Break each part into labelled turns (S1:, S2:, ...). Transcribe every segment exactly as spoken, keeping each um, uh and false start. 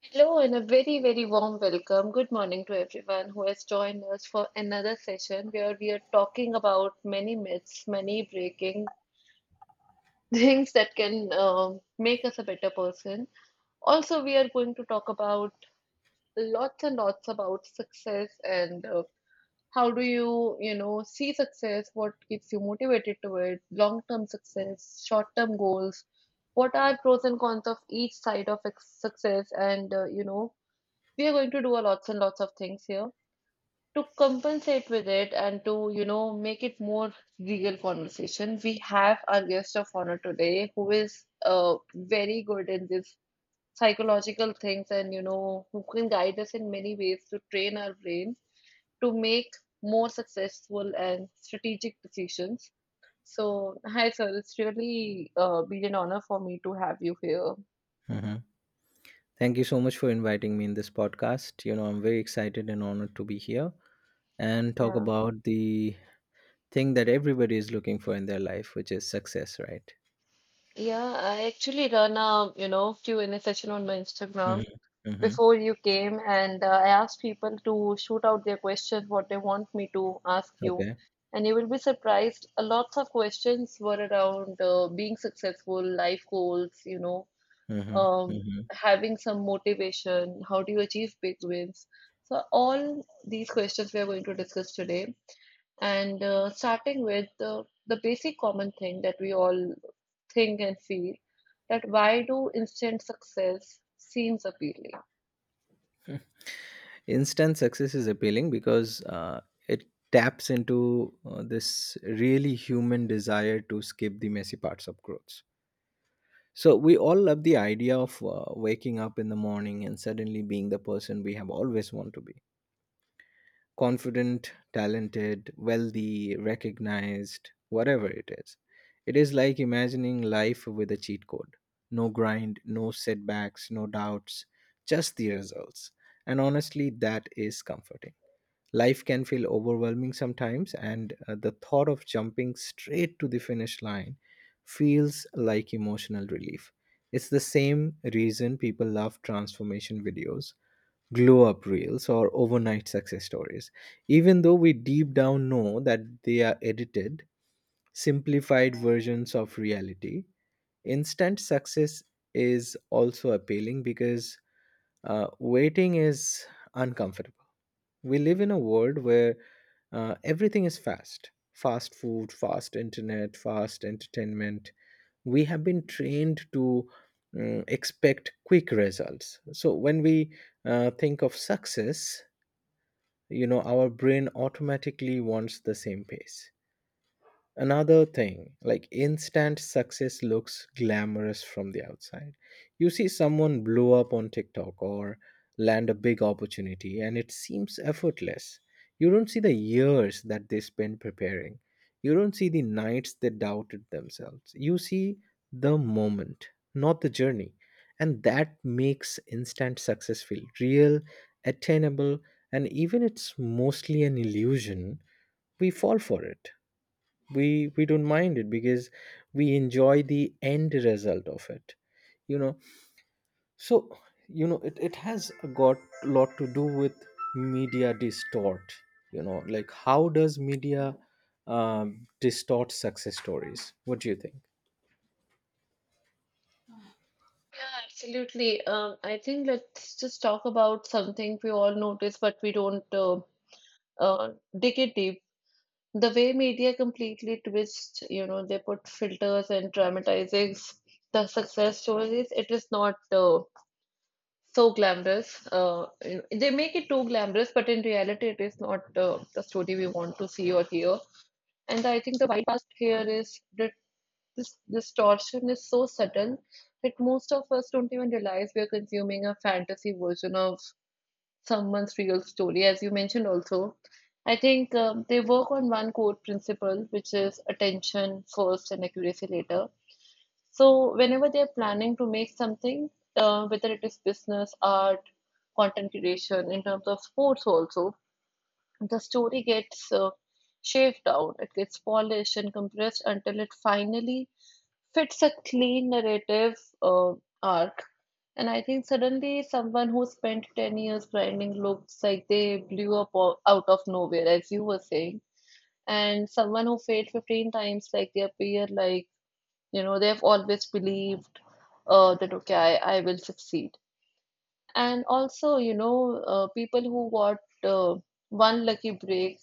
S1: Hello and a very, very warm welcome. Good morning to everyone who has joined us for another session where we are talking about many myths, many breaking things that can um make us a better person. Also, we are going to talk about lots and lots about success and uh, how do you, you know, see success, what keeps you motivated to it, long-term success, short-term goals, what are pros and cons of each side of ex- success and, uh, you know, we are going to do a lots and lots of things here to compensate with it and to, you know, make it more real conversation. We have our guest of honor today who is uh, very good in this psychological things and, you know, who can guide us in many ways to train our brain to make more successful and strategic decisions. So hi sir, it's really uh, been an honor for me to have you here.
S2: Hmm. Thank you so much for inviting me in this podcast. You know, I'm very excited and honored to be here and talk
S1: Yeah,
S2: about the thing that everybody is looking for in their life, which is success, right?
S1: yeah, I actually run a, you know, q&a session on my Instagram
S2: Mm-hmm. Mm-hmm.
S1: before you came, and uh, I asked people to shoot out their questions, what they want me to ask you.
S2: Okay.
S1: And you will be surprised. A lots of questions were around uh, being successful, life goals, you know,
S2: Mm-hmm.
S1: um,
S2: Mm-hmm.
S1: having some motivation, how do you achieve big wins? So all these questions we are going to discuss today, and uh, starting with uh, the basic common thing that we all think and feel that why do instant success seems appealing?
S2: Instant success is appealing because uh, it taps into uh, this really human desire to skip the messy parts of growth. So we all love the idea of uh, waking up in the morning and suddenly being the person we have always wanted to be: confident, talented, wealthy, recognized, whatever it is. It is like imagining life with a cheat code: no grind, no setbacks, no doubts, just the results. And honestly, that is comforting. Life can feel overwhelming sometimes, and uh, the thought of jumping straight to the finish line feels like emotional relief. It's the same reason people love transformation videos: glow up reels or overnight success stories, even though we deep down know that they are edited, simplified versions of reality. Instant success is also appealing because uh, waiting is uncomfortable. We live in a world where uh, everything is fast: fast food, fast internet, fast entertainment. We have been trained to mm, expect quick results. So when we uh, think of success, you know our brain automatically wants the same pace. Another thing, like instant success looks glamorous from the outside. You see someone blow up on TikTok or land a big opportunity, and it seems effortless. You don't see the years that they spend preparing. You don't see the nights they doubted themselves. You see the moment, not the journey. And that makes instant success feel real, attainable, and even it's mostly an illusion, we fall for it we we don't mind it because we enjoy the end result of it you know so you know it, it has got a lot to do with media distort you know Like how does media um, distort success stories? What do you think?
S1: Yeah, absolutely. Um, I think let's just talk about something we all notice, but we don't uh, uh, dig it deep. The way media completely twists, you know, they put filters and dramatizing the success stories. It is not uh, so glamorous. Uh, you know, they make it too glamorous, but in reality, it is not uh, the story we want to see or hear. And I think the wide past here is this distortion is so subtle that most of us don't even realize we are consuming a fantasy version of someone's real story. As you mentioned, also, I think um, they work on one core principle, which is attention first and accuracy later. So, whenever they're planning to make something, uh, whether it is business, art, content creation, in terms of sports, also, the story gets uh, shaved down, it gets polished and compressed until it finally fits a clean narrative uh, arc. And I think suddenly someone who spent ten years grinding looks like they blew up o- out of nowhere, as you were saying. And someone who failed fifteen times, like they appear like, you know, they've always believed uh, that, okay, I, I will succeed. And also, you know, uh, people who got uh, one lucky break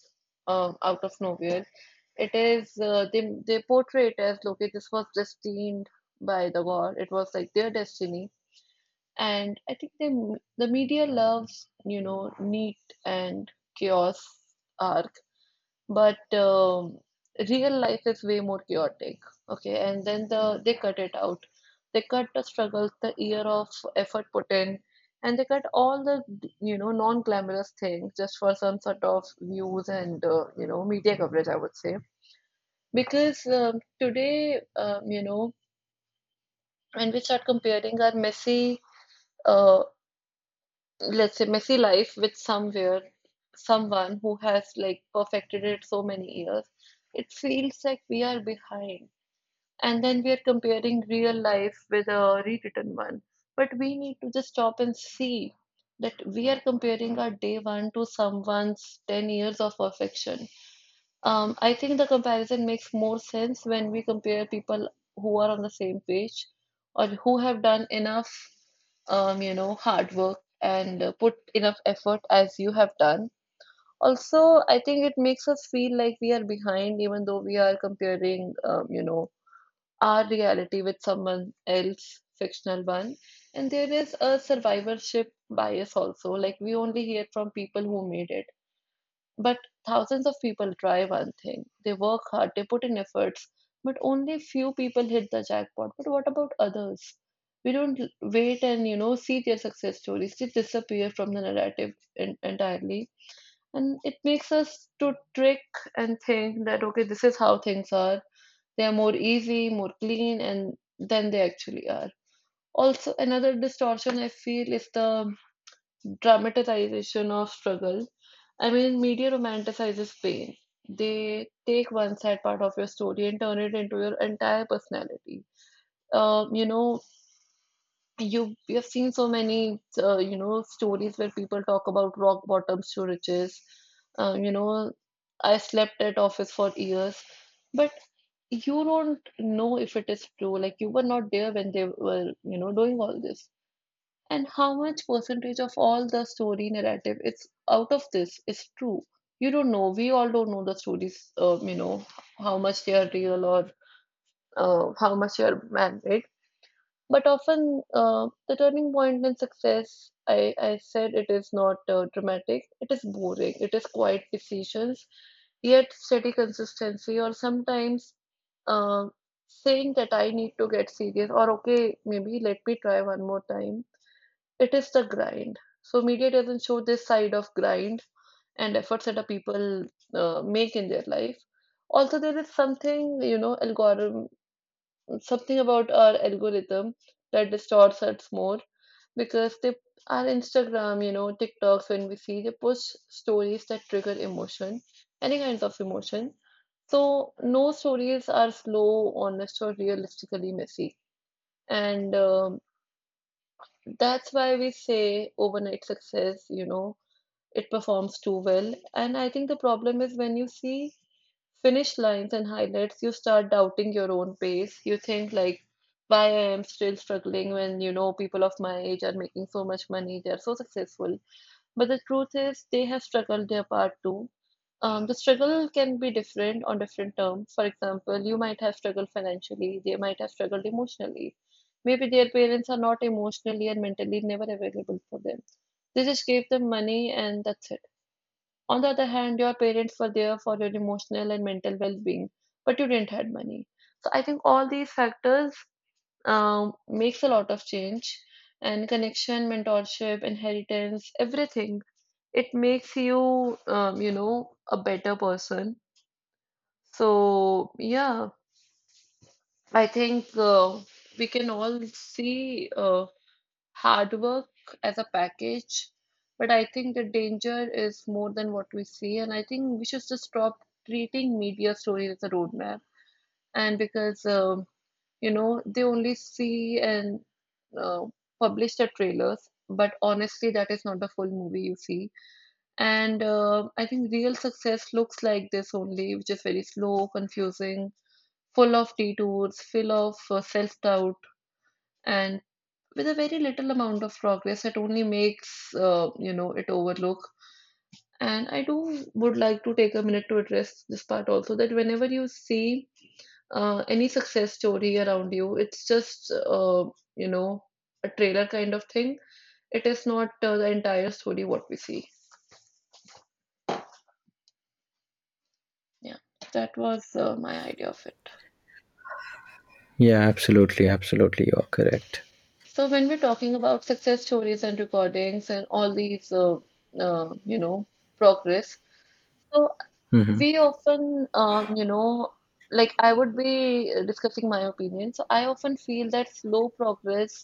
S1: uh, out of nowhere, it is uh, they they portray it as okay, this was destined by the God. It was like their destiny. And I think they the media loves, you know, neat and chaos arc, but um, real life is way more chaotic. Okay, and then the they cut it out, they cut the struggles, the year of effort put in, and they cut all the, you know, non-glamorous things just for some sort of views and, uh, you know, media coverage, I would say. Because um, today, um, you know, when we start comparing our messy, uh, let's say messy life with somewhere, someone who has like perfected it so many years, it feels like we are behind, and then we are comparing real life with a rewritten one. But we need to just stop and see that we are comparing our day one to someone's ten years of perfection. Um, I think the comparison makes more sense when we compare people who are on the same page or who have done enough, um, you know, hard work and uh, put enough effort as you have done. Also, I think it makes us feel like we are behind, even though we are comparing, um, you know, our reality with someone else' fictional one. And there is a survivorship bias also. Like we only hear from people who made it, but thousands of people try one thing. They work hard, they put in efforts, but only few people hit the jackpot. But what about others? We don't l- wait and, you know, see their success stories. They disappear from the narrative en- entirely, and it makes us to trick and think that okay, this is how things are. They are more easy, more clean, and than they actually are. Also, another distortion I feel is the dramatization of struggle. I mean, media romanticizes pain. They take one sad part of your story and turn it into your entire personality. Um, you know, you we have seen so many, uh, you know, stories where people talk about rock bottoms to riches. Uh, you know, I slept at office for years, but you don't know if it is true. Like you were not there when they were, you know, doing all this. And how much percentage of all the story narrative it's out of this is true? You don't know. We all don't know the stories, uh, you know, how much they are real or uh, how much they are man-made. But often, uh, the turning point in success, I, I said it is not uh, dramatic, it is boring, it is quiet decisions, yet steady consistency, or sometimes uh, saying that I need to get serious, or okay, maybe let me try one more time. It is the grind. So media doesn't show this side of grind and efforts that a people uh, make in their life. Also, there is something, you know, algorithm, something about our algorithm that distorts us more, because they, our Instagram, you know, TikToks, when we see they post stories that trigger emotion, any kinds of emotion. So no stories are slow, honest, or realistically messy, and um, that's why we say overnight success, you know, it performs too well. And I think the problem is when you see finish lines and highlights, you start doubting your own pace. You think like, why I am still struggling when, you know, people of my age are making so much money, they are so successful. But the truth is, they have struggled their part too. Um, the struggle can be different on different terms. For example, you might have struggled financially, they might have struggled emotionally. Maybe their parents are not emotionally and mentally never available for them. They just gave them money and that's it. On the other hand, your parents were there for your emotional and mental well-being, but you didn't had money. So I think all these factors um, makes a lot of change and connection, mentorship, inheritance, everything. It makes you, um, you know, a better person. So yeah, I think uh, we can all see uh, hard work as a package. But I think the danger is more than what we see, and I think we should just stop treating media stories as a roadmap. And because um, you know, they only see and uh, publish the trailers, but honestly, that is not the full movie you see. And uh, I think real success looks like this only, which is very slow, confusing, full of detours, full of uh, self doubt, and with a very little amount of progress it only makes uh, you know, it overlook. And I do would like to take a minute to address this part also, that whenever you see uh, any success story around you, it's just uh, you know, a trailer kind of thing. It is not uh, the entire story what we see. Yeah, that was uh, my idea of it.
S2: Yeah, absolutely, absolutely, you're correct.
S1: So when we're talking about success stories and recordings and all these, uh, uh, you know, progress, so
S2: Hmm.
S1: we often, um, you know, like I would be uh, discussing my opinion. So I often feel that slow progress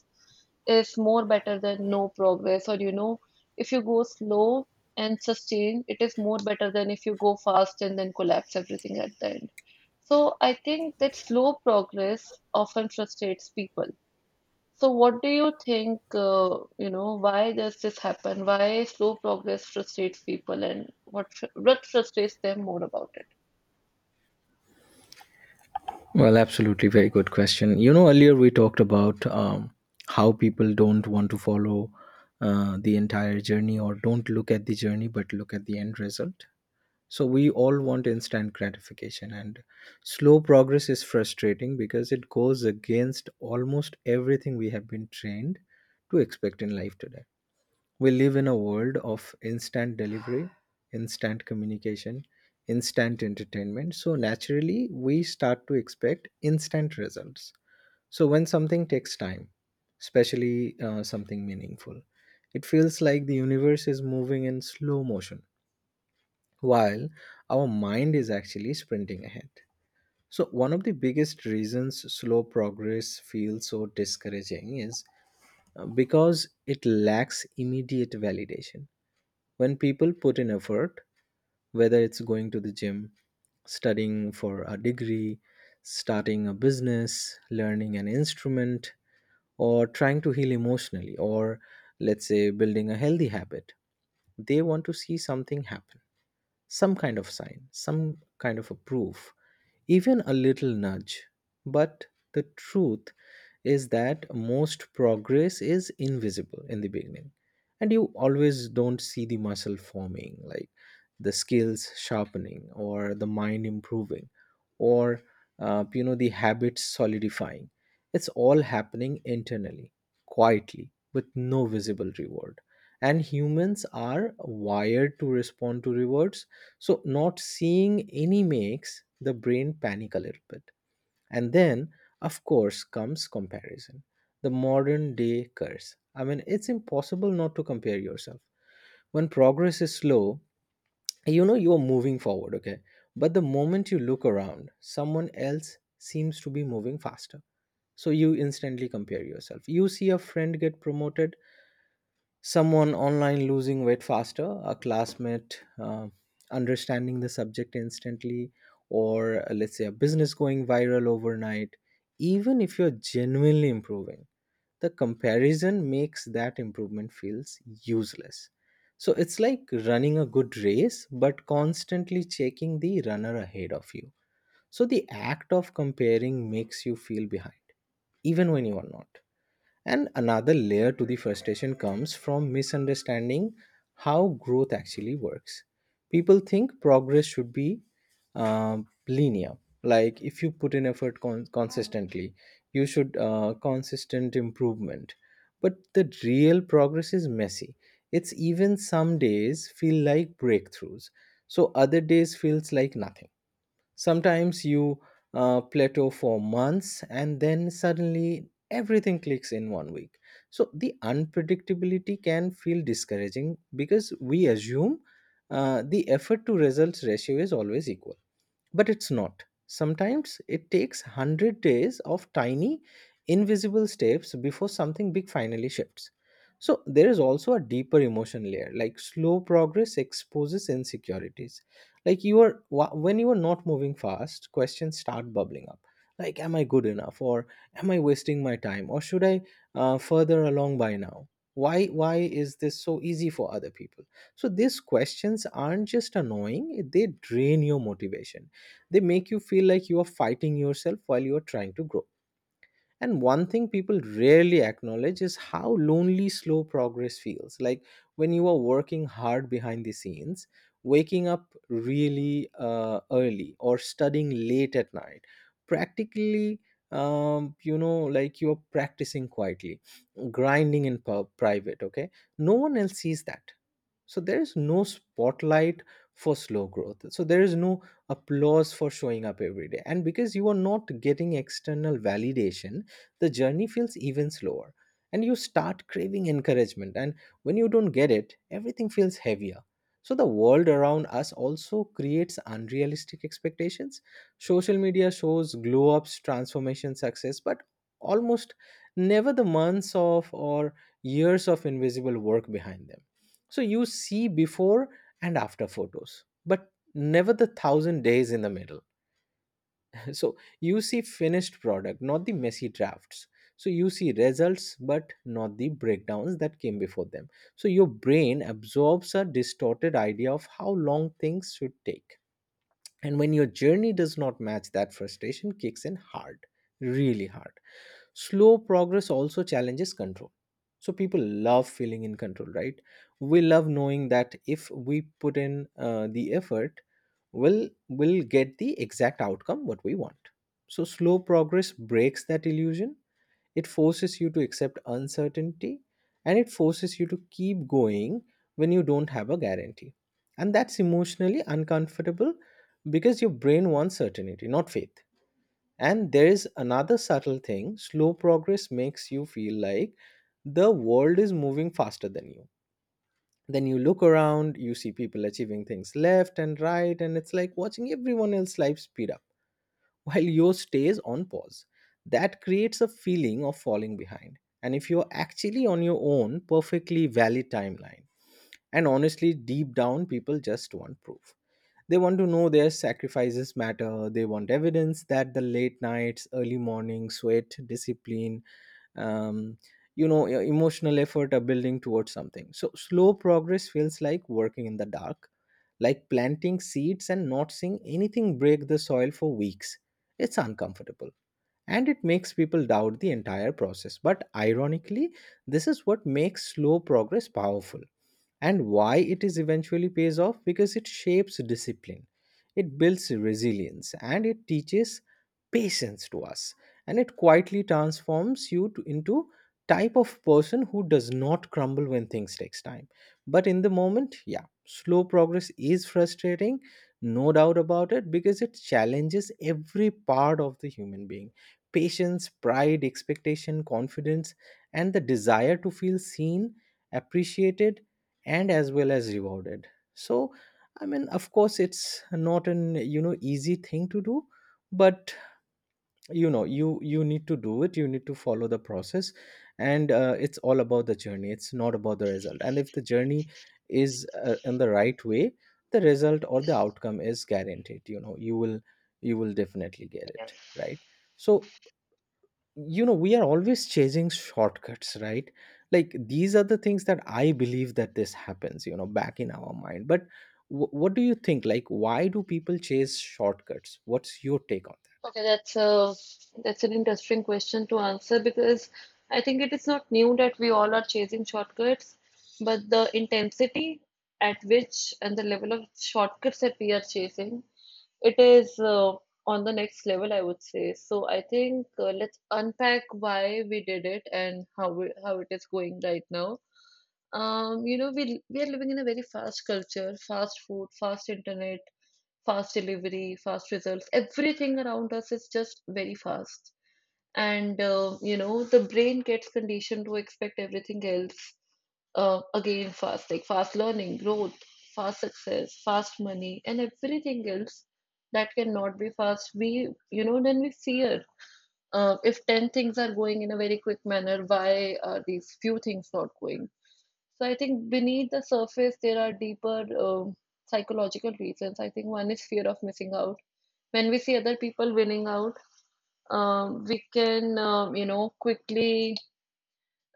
S1: is more better than no progress, or, you know, if you go slow and sustain, it is more better than if you go fast and then collapse everything at the end. So I think that slow progress often frustrates people. So what do you think, uh, you know, why does this happen? Why slow progress frustrates people and what fr- what frustrates them more about it?
S2: Well, absolutely, very good question. You know, earlier we talked about um, how people don't want to follow uh, the entire journey or don't look at the journey but look at the end result. So we all want instant gratification, and slow progress is frustrating because it goes against almost everything we have been trained to expect in life today. We live in a world of instant delivery, instant communication, instant entertainment. So naturally, we start to expect instant results. So when something takes time, especially uh, something meaningful, it feels like the universe is moving in slow motion while our mind is actually sprinting ahead. So, one of the biggest reasons slow progress feels so discouraging is uh, because it lacks immediate validation when people put in effort, whether it's going to the gym, studying for a degree, starting a business, learning an instrument, or trying to heal emotionally, or let's say building a healthy habit, they want to see something happen, some kind of sign, some kind of a proof, even a little nudge. But the truth is that most progress is invisible in the beginning, and you always don't see the muscle forming, like the skills sharpening, or the mind improving, or uh, you know the habits solidifying. It's all happening internally, quietly, with no visible reward. And humans are wired to respond to rewards, so not seeing any makes the brain panic a little bit. And then, of course, comes comparison. The modern day curse. I mean, it's impossible not to compare yourself. When progress is slow, you know you are moving forward, okay? But the moment you look around, someone else seems to be moving faster. So, you instantly compare yourself. You see a friend get promoted, someone online losing weight faster, a classmate uh, understanding the subject instantly, or uh, let's say a business going viral overnight. Even if you're genuinely improving, the comparison makes that improvement feels useless. So it's like running a good race, but constantly checking the runner ahead of you. So the act of comparing makes you feel behind, even when you are not and another layer to the frustration comes from misunderstanding how growth actually works. People think progress should be um, linear, like if you put in effort con- consistently, you should uh, consistent improvement. But the real progress is messy. It's even some days feel like breakthroughs, so other days feels like nothing. Sometimes you uh, plateau for months and then suddenly everything clicks in one week. So the unpredictability can feel discouraging because we assume uh, the effort to results ratio is always equal. But it's not. Sometimes it takes one hundred days of tiny, invisible steps before something big finally shifts. So there is also a deeper emotion layer. Like slow progress exposes insecurities. Like you are wh- when you are not moving fast, questions start bubbling up. Like, am I good enough, or am I wasting my time, or should I uh, further along by now? Why why is this so easy for other people? So these questions aren't just annoying, they drain your motivation. They make you feel like you are fighting yourself while you are trying to grow. And one thing people rarely acknowledge is how lonely slow progress feels. Like when you are working hard behind the scenes, waking up really uh, early or studying late at night, practically, um, you know, like you are practicing quietly, grinding in pub, private, okay? No one else sees that. So there is no spotlight for slow growth. So there is no applause for showing up every day. And because you are not getting external validation, the journey feels even slower, and you start craving encouragement. And when you don't get it, everything feels heavier. So the world around us also creates unrealistic expectations. Social media shows glow ups, transformation, success, but almost never the months of or years of invisible work behind them. So you see before and after photos, but never the thousand days in the middle. So you see finished product, not the messy drafts. So you see results, but not the breakdowns that came before them. So your brain absorbs a distorted idea of how long things should take. And when your journey does not match, that frustration kicks in hard, really hard. Slow progress also challenges control, so people love feeling in control, right? We love knowing that if we put in uh, the effort, we'll will get the exact outcome what we want. So slow progress breaks that illusion. It forces you to accept uncertainty, and it forces you to keep going when you don't have a guarantee. And that's emotionally uncomfortable because your brain wants certainty, not faith. And there is another subtle thing: slow progress makes you feel like the world is moving faster than you. Then you look around, you see people achieving things left and right, and it's like watching everyone else's life speed up while yours stays on pause. That creates a feeling of falling behind. And if you're actually on your own, perfectly valid timeline. And honestly, deep down, people just want proof. They want to know their sacrifices matter. They want evidence that the late nights, early morning sweat, discipline, um, you know, e- emotional effort are building towards something. So slow progress feels like working in the dark, like planting seeds and not seeing anything break the soil for weeks. It's uncomfortable, and it makes people doubt the entire process. But ironically, this is what makes slow progress powerful, and why it is eventually pays off, because it shapes discipline, it builds resilience, and it teaches patience to us. And it quietly transforms you to, into type of person who does not crumble when things takes time. But in the moment, yeah, slow progress is frustrating, no doubt about it, because it challenges every part of the human being: patience, pride, expectation, confidence, and the desire to feel seen, appreciated, and as well as rewarded. So, I mean, of course, it's not an you know easy thing to do, but you know you you need to do it. You need to follow the process, and uh, it's all about the journey. It's not about the result. And if the journey is uh, in the right way, the result or the outcome is guaranteed. You know, you will you will definitely get it right. So, you know we are always chasing shortcuts, right? Like, these are the things that I believe, that this happens, you know back in our mind. But w- what do you think, like why do people chase shortcuts, what's your take on that?
S1: Okay, that's a that's an interesting question to answer because I think it is not new that we all are chasing shortcuts, but the intensity at which and the level of shortcuts that we are chasing, it is uh, on the next level, I would say. So I think uh, let's unpack why we did it and how we, how it is going right now. Um, you know, we we are living in a very fast culture, fast food, fast internet, fast delivery, fast results. Everything around us is just very fast. And, uh, you know, the brain gets conditioned to expect everything else uh, again fast, like fast learning, growth, fast success, fast money, and everything else that cannot be fast. We, you know, then we fear. Uh, if ten things are going in a very quick manner, why are these few things not going? So I think beneath the surface, there are deeper um psychological reasons. I think one is fear of missing out. When we see other people winning out, um, we can, um, you know, quickly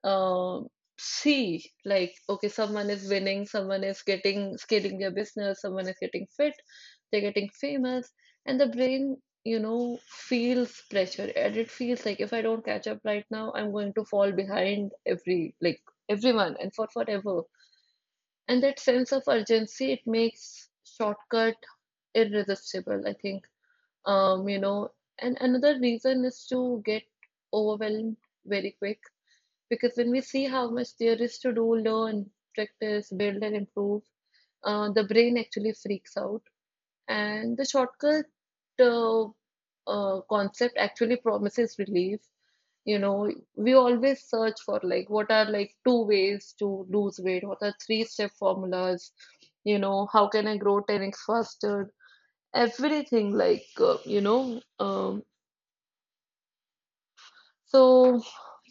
S1: um see like, okay, someone is winning, someone is getting scaling their business, someone is getting fit, they're getting famous, and the brain, you know, feels pressure, and it feels like if I don't catch up right now, I'm going to fall behind every like everyone and for forever, and that sense of urgency, it makes shortcut irresistible, I think. Um, you know, and another reason is to get overwhelmed very quick, because when we see how much there is to do, learn, practice, build, and improve, uh, the brain actually freaks out. And the shortcut uh, uh, concept actually promises relief. You know we always search for like what are like two ways to lose weight, what are three step formulas, you know, how can I grow ten x faster, everything like uh, you know um, so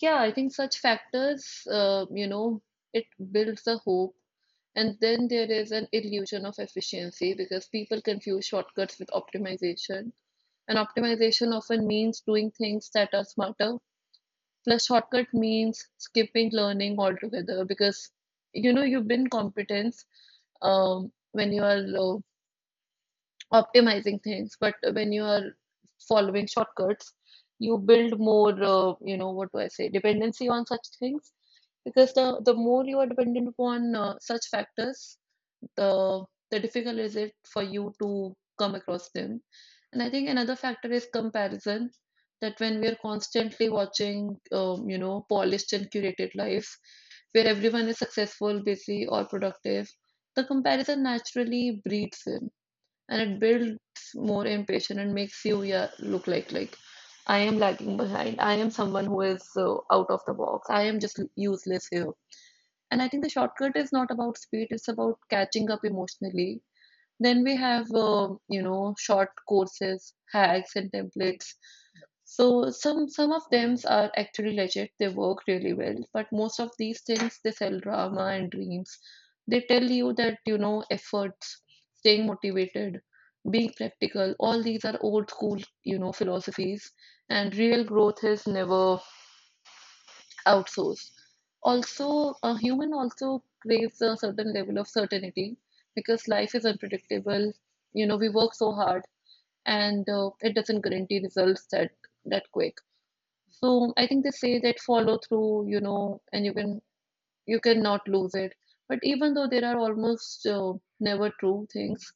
S1: yeah, I think such factors, uh, you know, it builds a hope. And then there is an illusion of efficiency, because people confuse shortcuts with optimization, and optimization often means doing things that are smarter. Plus, shortcut means skipping learning altogether, because you know you build competence um, when you are uh, optimizing things, but when you are following shortcuts, you build more, uh, you know, what do I say, dependency on such things, because the the more you are dependent upon uh, such factors, the the difficult is it for you to come across them. And I think another factor is comparison. That when we are constantly watching, um, you know, polished and curated life, where everyone is successful, busy, or productive, the comparison naturally breeds in and it builds more impatience and makes you yeah, look like like I am lagging behind. I am someone who is uh, out of the box. I am just useless here. And I think the shortcut is not about speed, it's about catching up emotionally. Then we have, uh, you know, short courses, hacks, and templates. So some some of them are actually legit. They work really well, but most of these things, they sell drama and dreams. They tell you that, you know, efforts, staying motivated, being practical, all these are old school, you know, philosophies, and real growth is never outsource. Also, a human also craves a certain level of certainty because life is unpredictable. You know, we work so hard and uh, it doesn't guarantee results that that quick. So I think they say that follow through, you know, and you can you cannot lose it. But even though there are almost uh, never true things,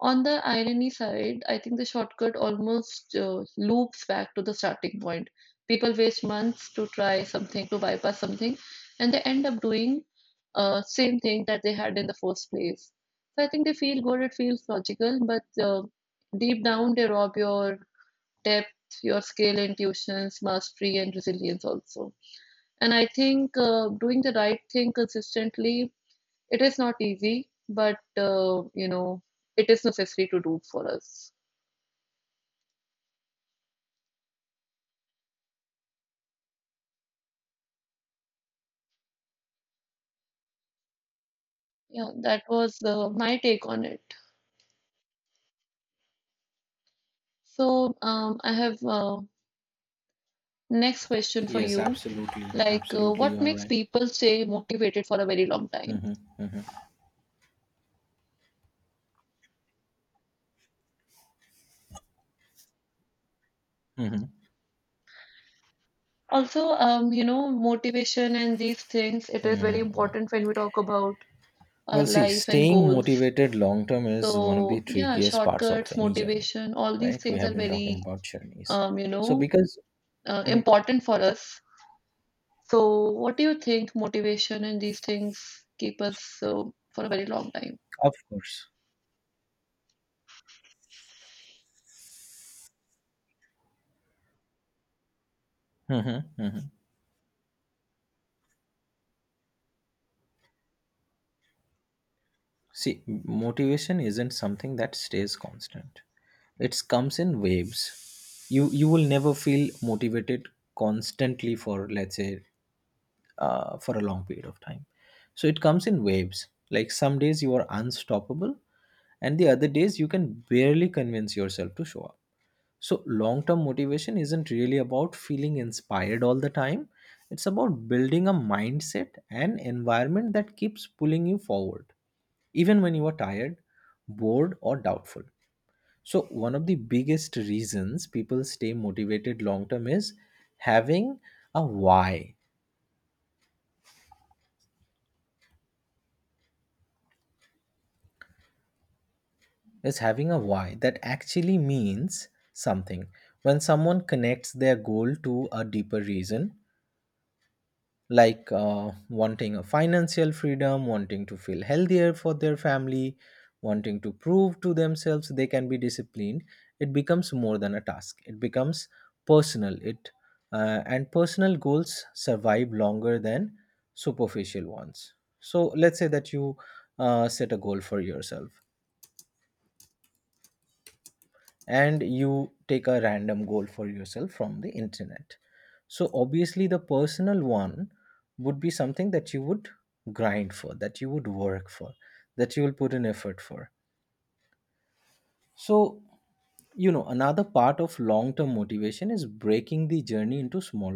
S1: on the irony side, I think the shortcut almost uh, loops back to the starting point. People waste months to try something, to bypass something, and they end up doing uh, same thing that they had in the first place. So I think they feel good, it feels logical, but uh, deep down they rob your depth, your skill, intuitions, mastery, and resilience also. And I think uh, doing the right thing consistently, it is not easy, but uh, you know, it is necessary to do for us. Yeah, that was uh, my take on it. So, um, I have uh, next question for
S2: Yes,
S1: you.
S2: absolutely.
S1: Like, uh,
S2: Absolutely.
S1: what
S2: You're
S1: makes
S2: right.
S1: people stay motivated for a very long time?
S2: Hmm.
S1: Also, um, you know, motivation and these things, it
S2: That.
S1: is very
S2: Mm.
S1: important when we talk about our
S2: Well, see,
S1: life and
S2: staying
S1: goals.
S2: motivated long term is one of the
S1: So, yeah,
S2: trickiest parts of
S1: shortcuts,
S2: any journey,
S1: motivation, all these
S2: right? We
S1: things are
S2: have been talking
S1: very,
S2: about journeys,
S1: um, you
S2: so
S1: know,
S2: because
S1: uh,
S2: Mhm.
S1: important for us. So, what do you think motivation and these things keep us uh, for a very long time?
S2: Of course. Mhm, mhm. See, motivation isn't something that stays constant. It comes in waves. You you will never feel motivated constantly for, let's say, uh, for a long period of time. So it comes in waves. Like some days you are unstoppable, and the other days you can barely convince yourself to show up. So, long term motivation isn't really about feeling inspired all the time, it's about building a mindset and environment that keeps pulling you forward, even when you are tired, bored, or doubtful. So, one of the biggest reasons people stay motivated long term is having a why, is having a why that actually means something. When someone connects their goal to a deeper reason, like uh, wanting a financial freedom, wanting to feel healthier for their family, wanting to prove to themselves they can be disciplined, it becomes more than a task. It becomes personal. It uh, and personal goals survive longer than superficial ones. So let's say that you uh, set a goal for yourself and you take a random goal for yourself from the internet. So, obviously, the personal one would be something that you would grind for, that you would work for, that you will put in effort for. So, you know, another part of long term motivation is breaking the journey into smaller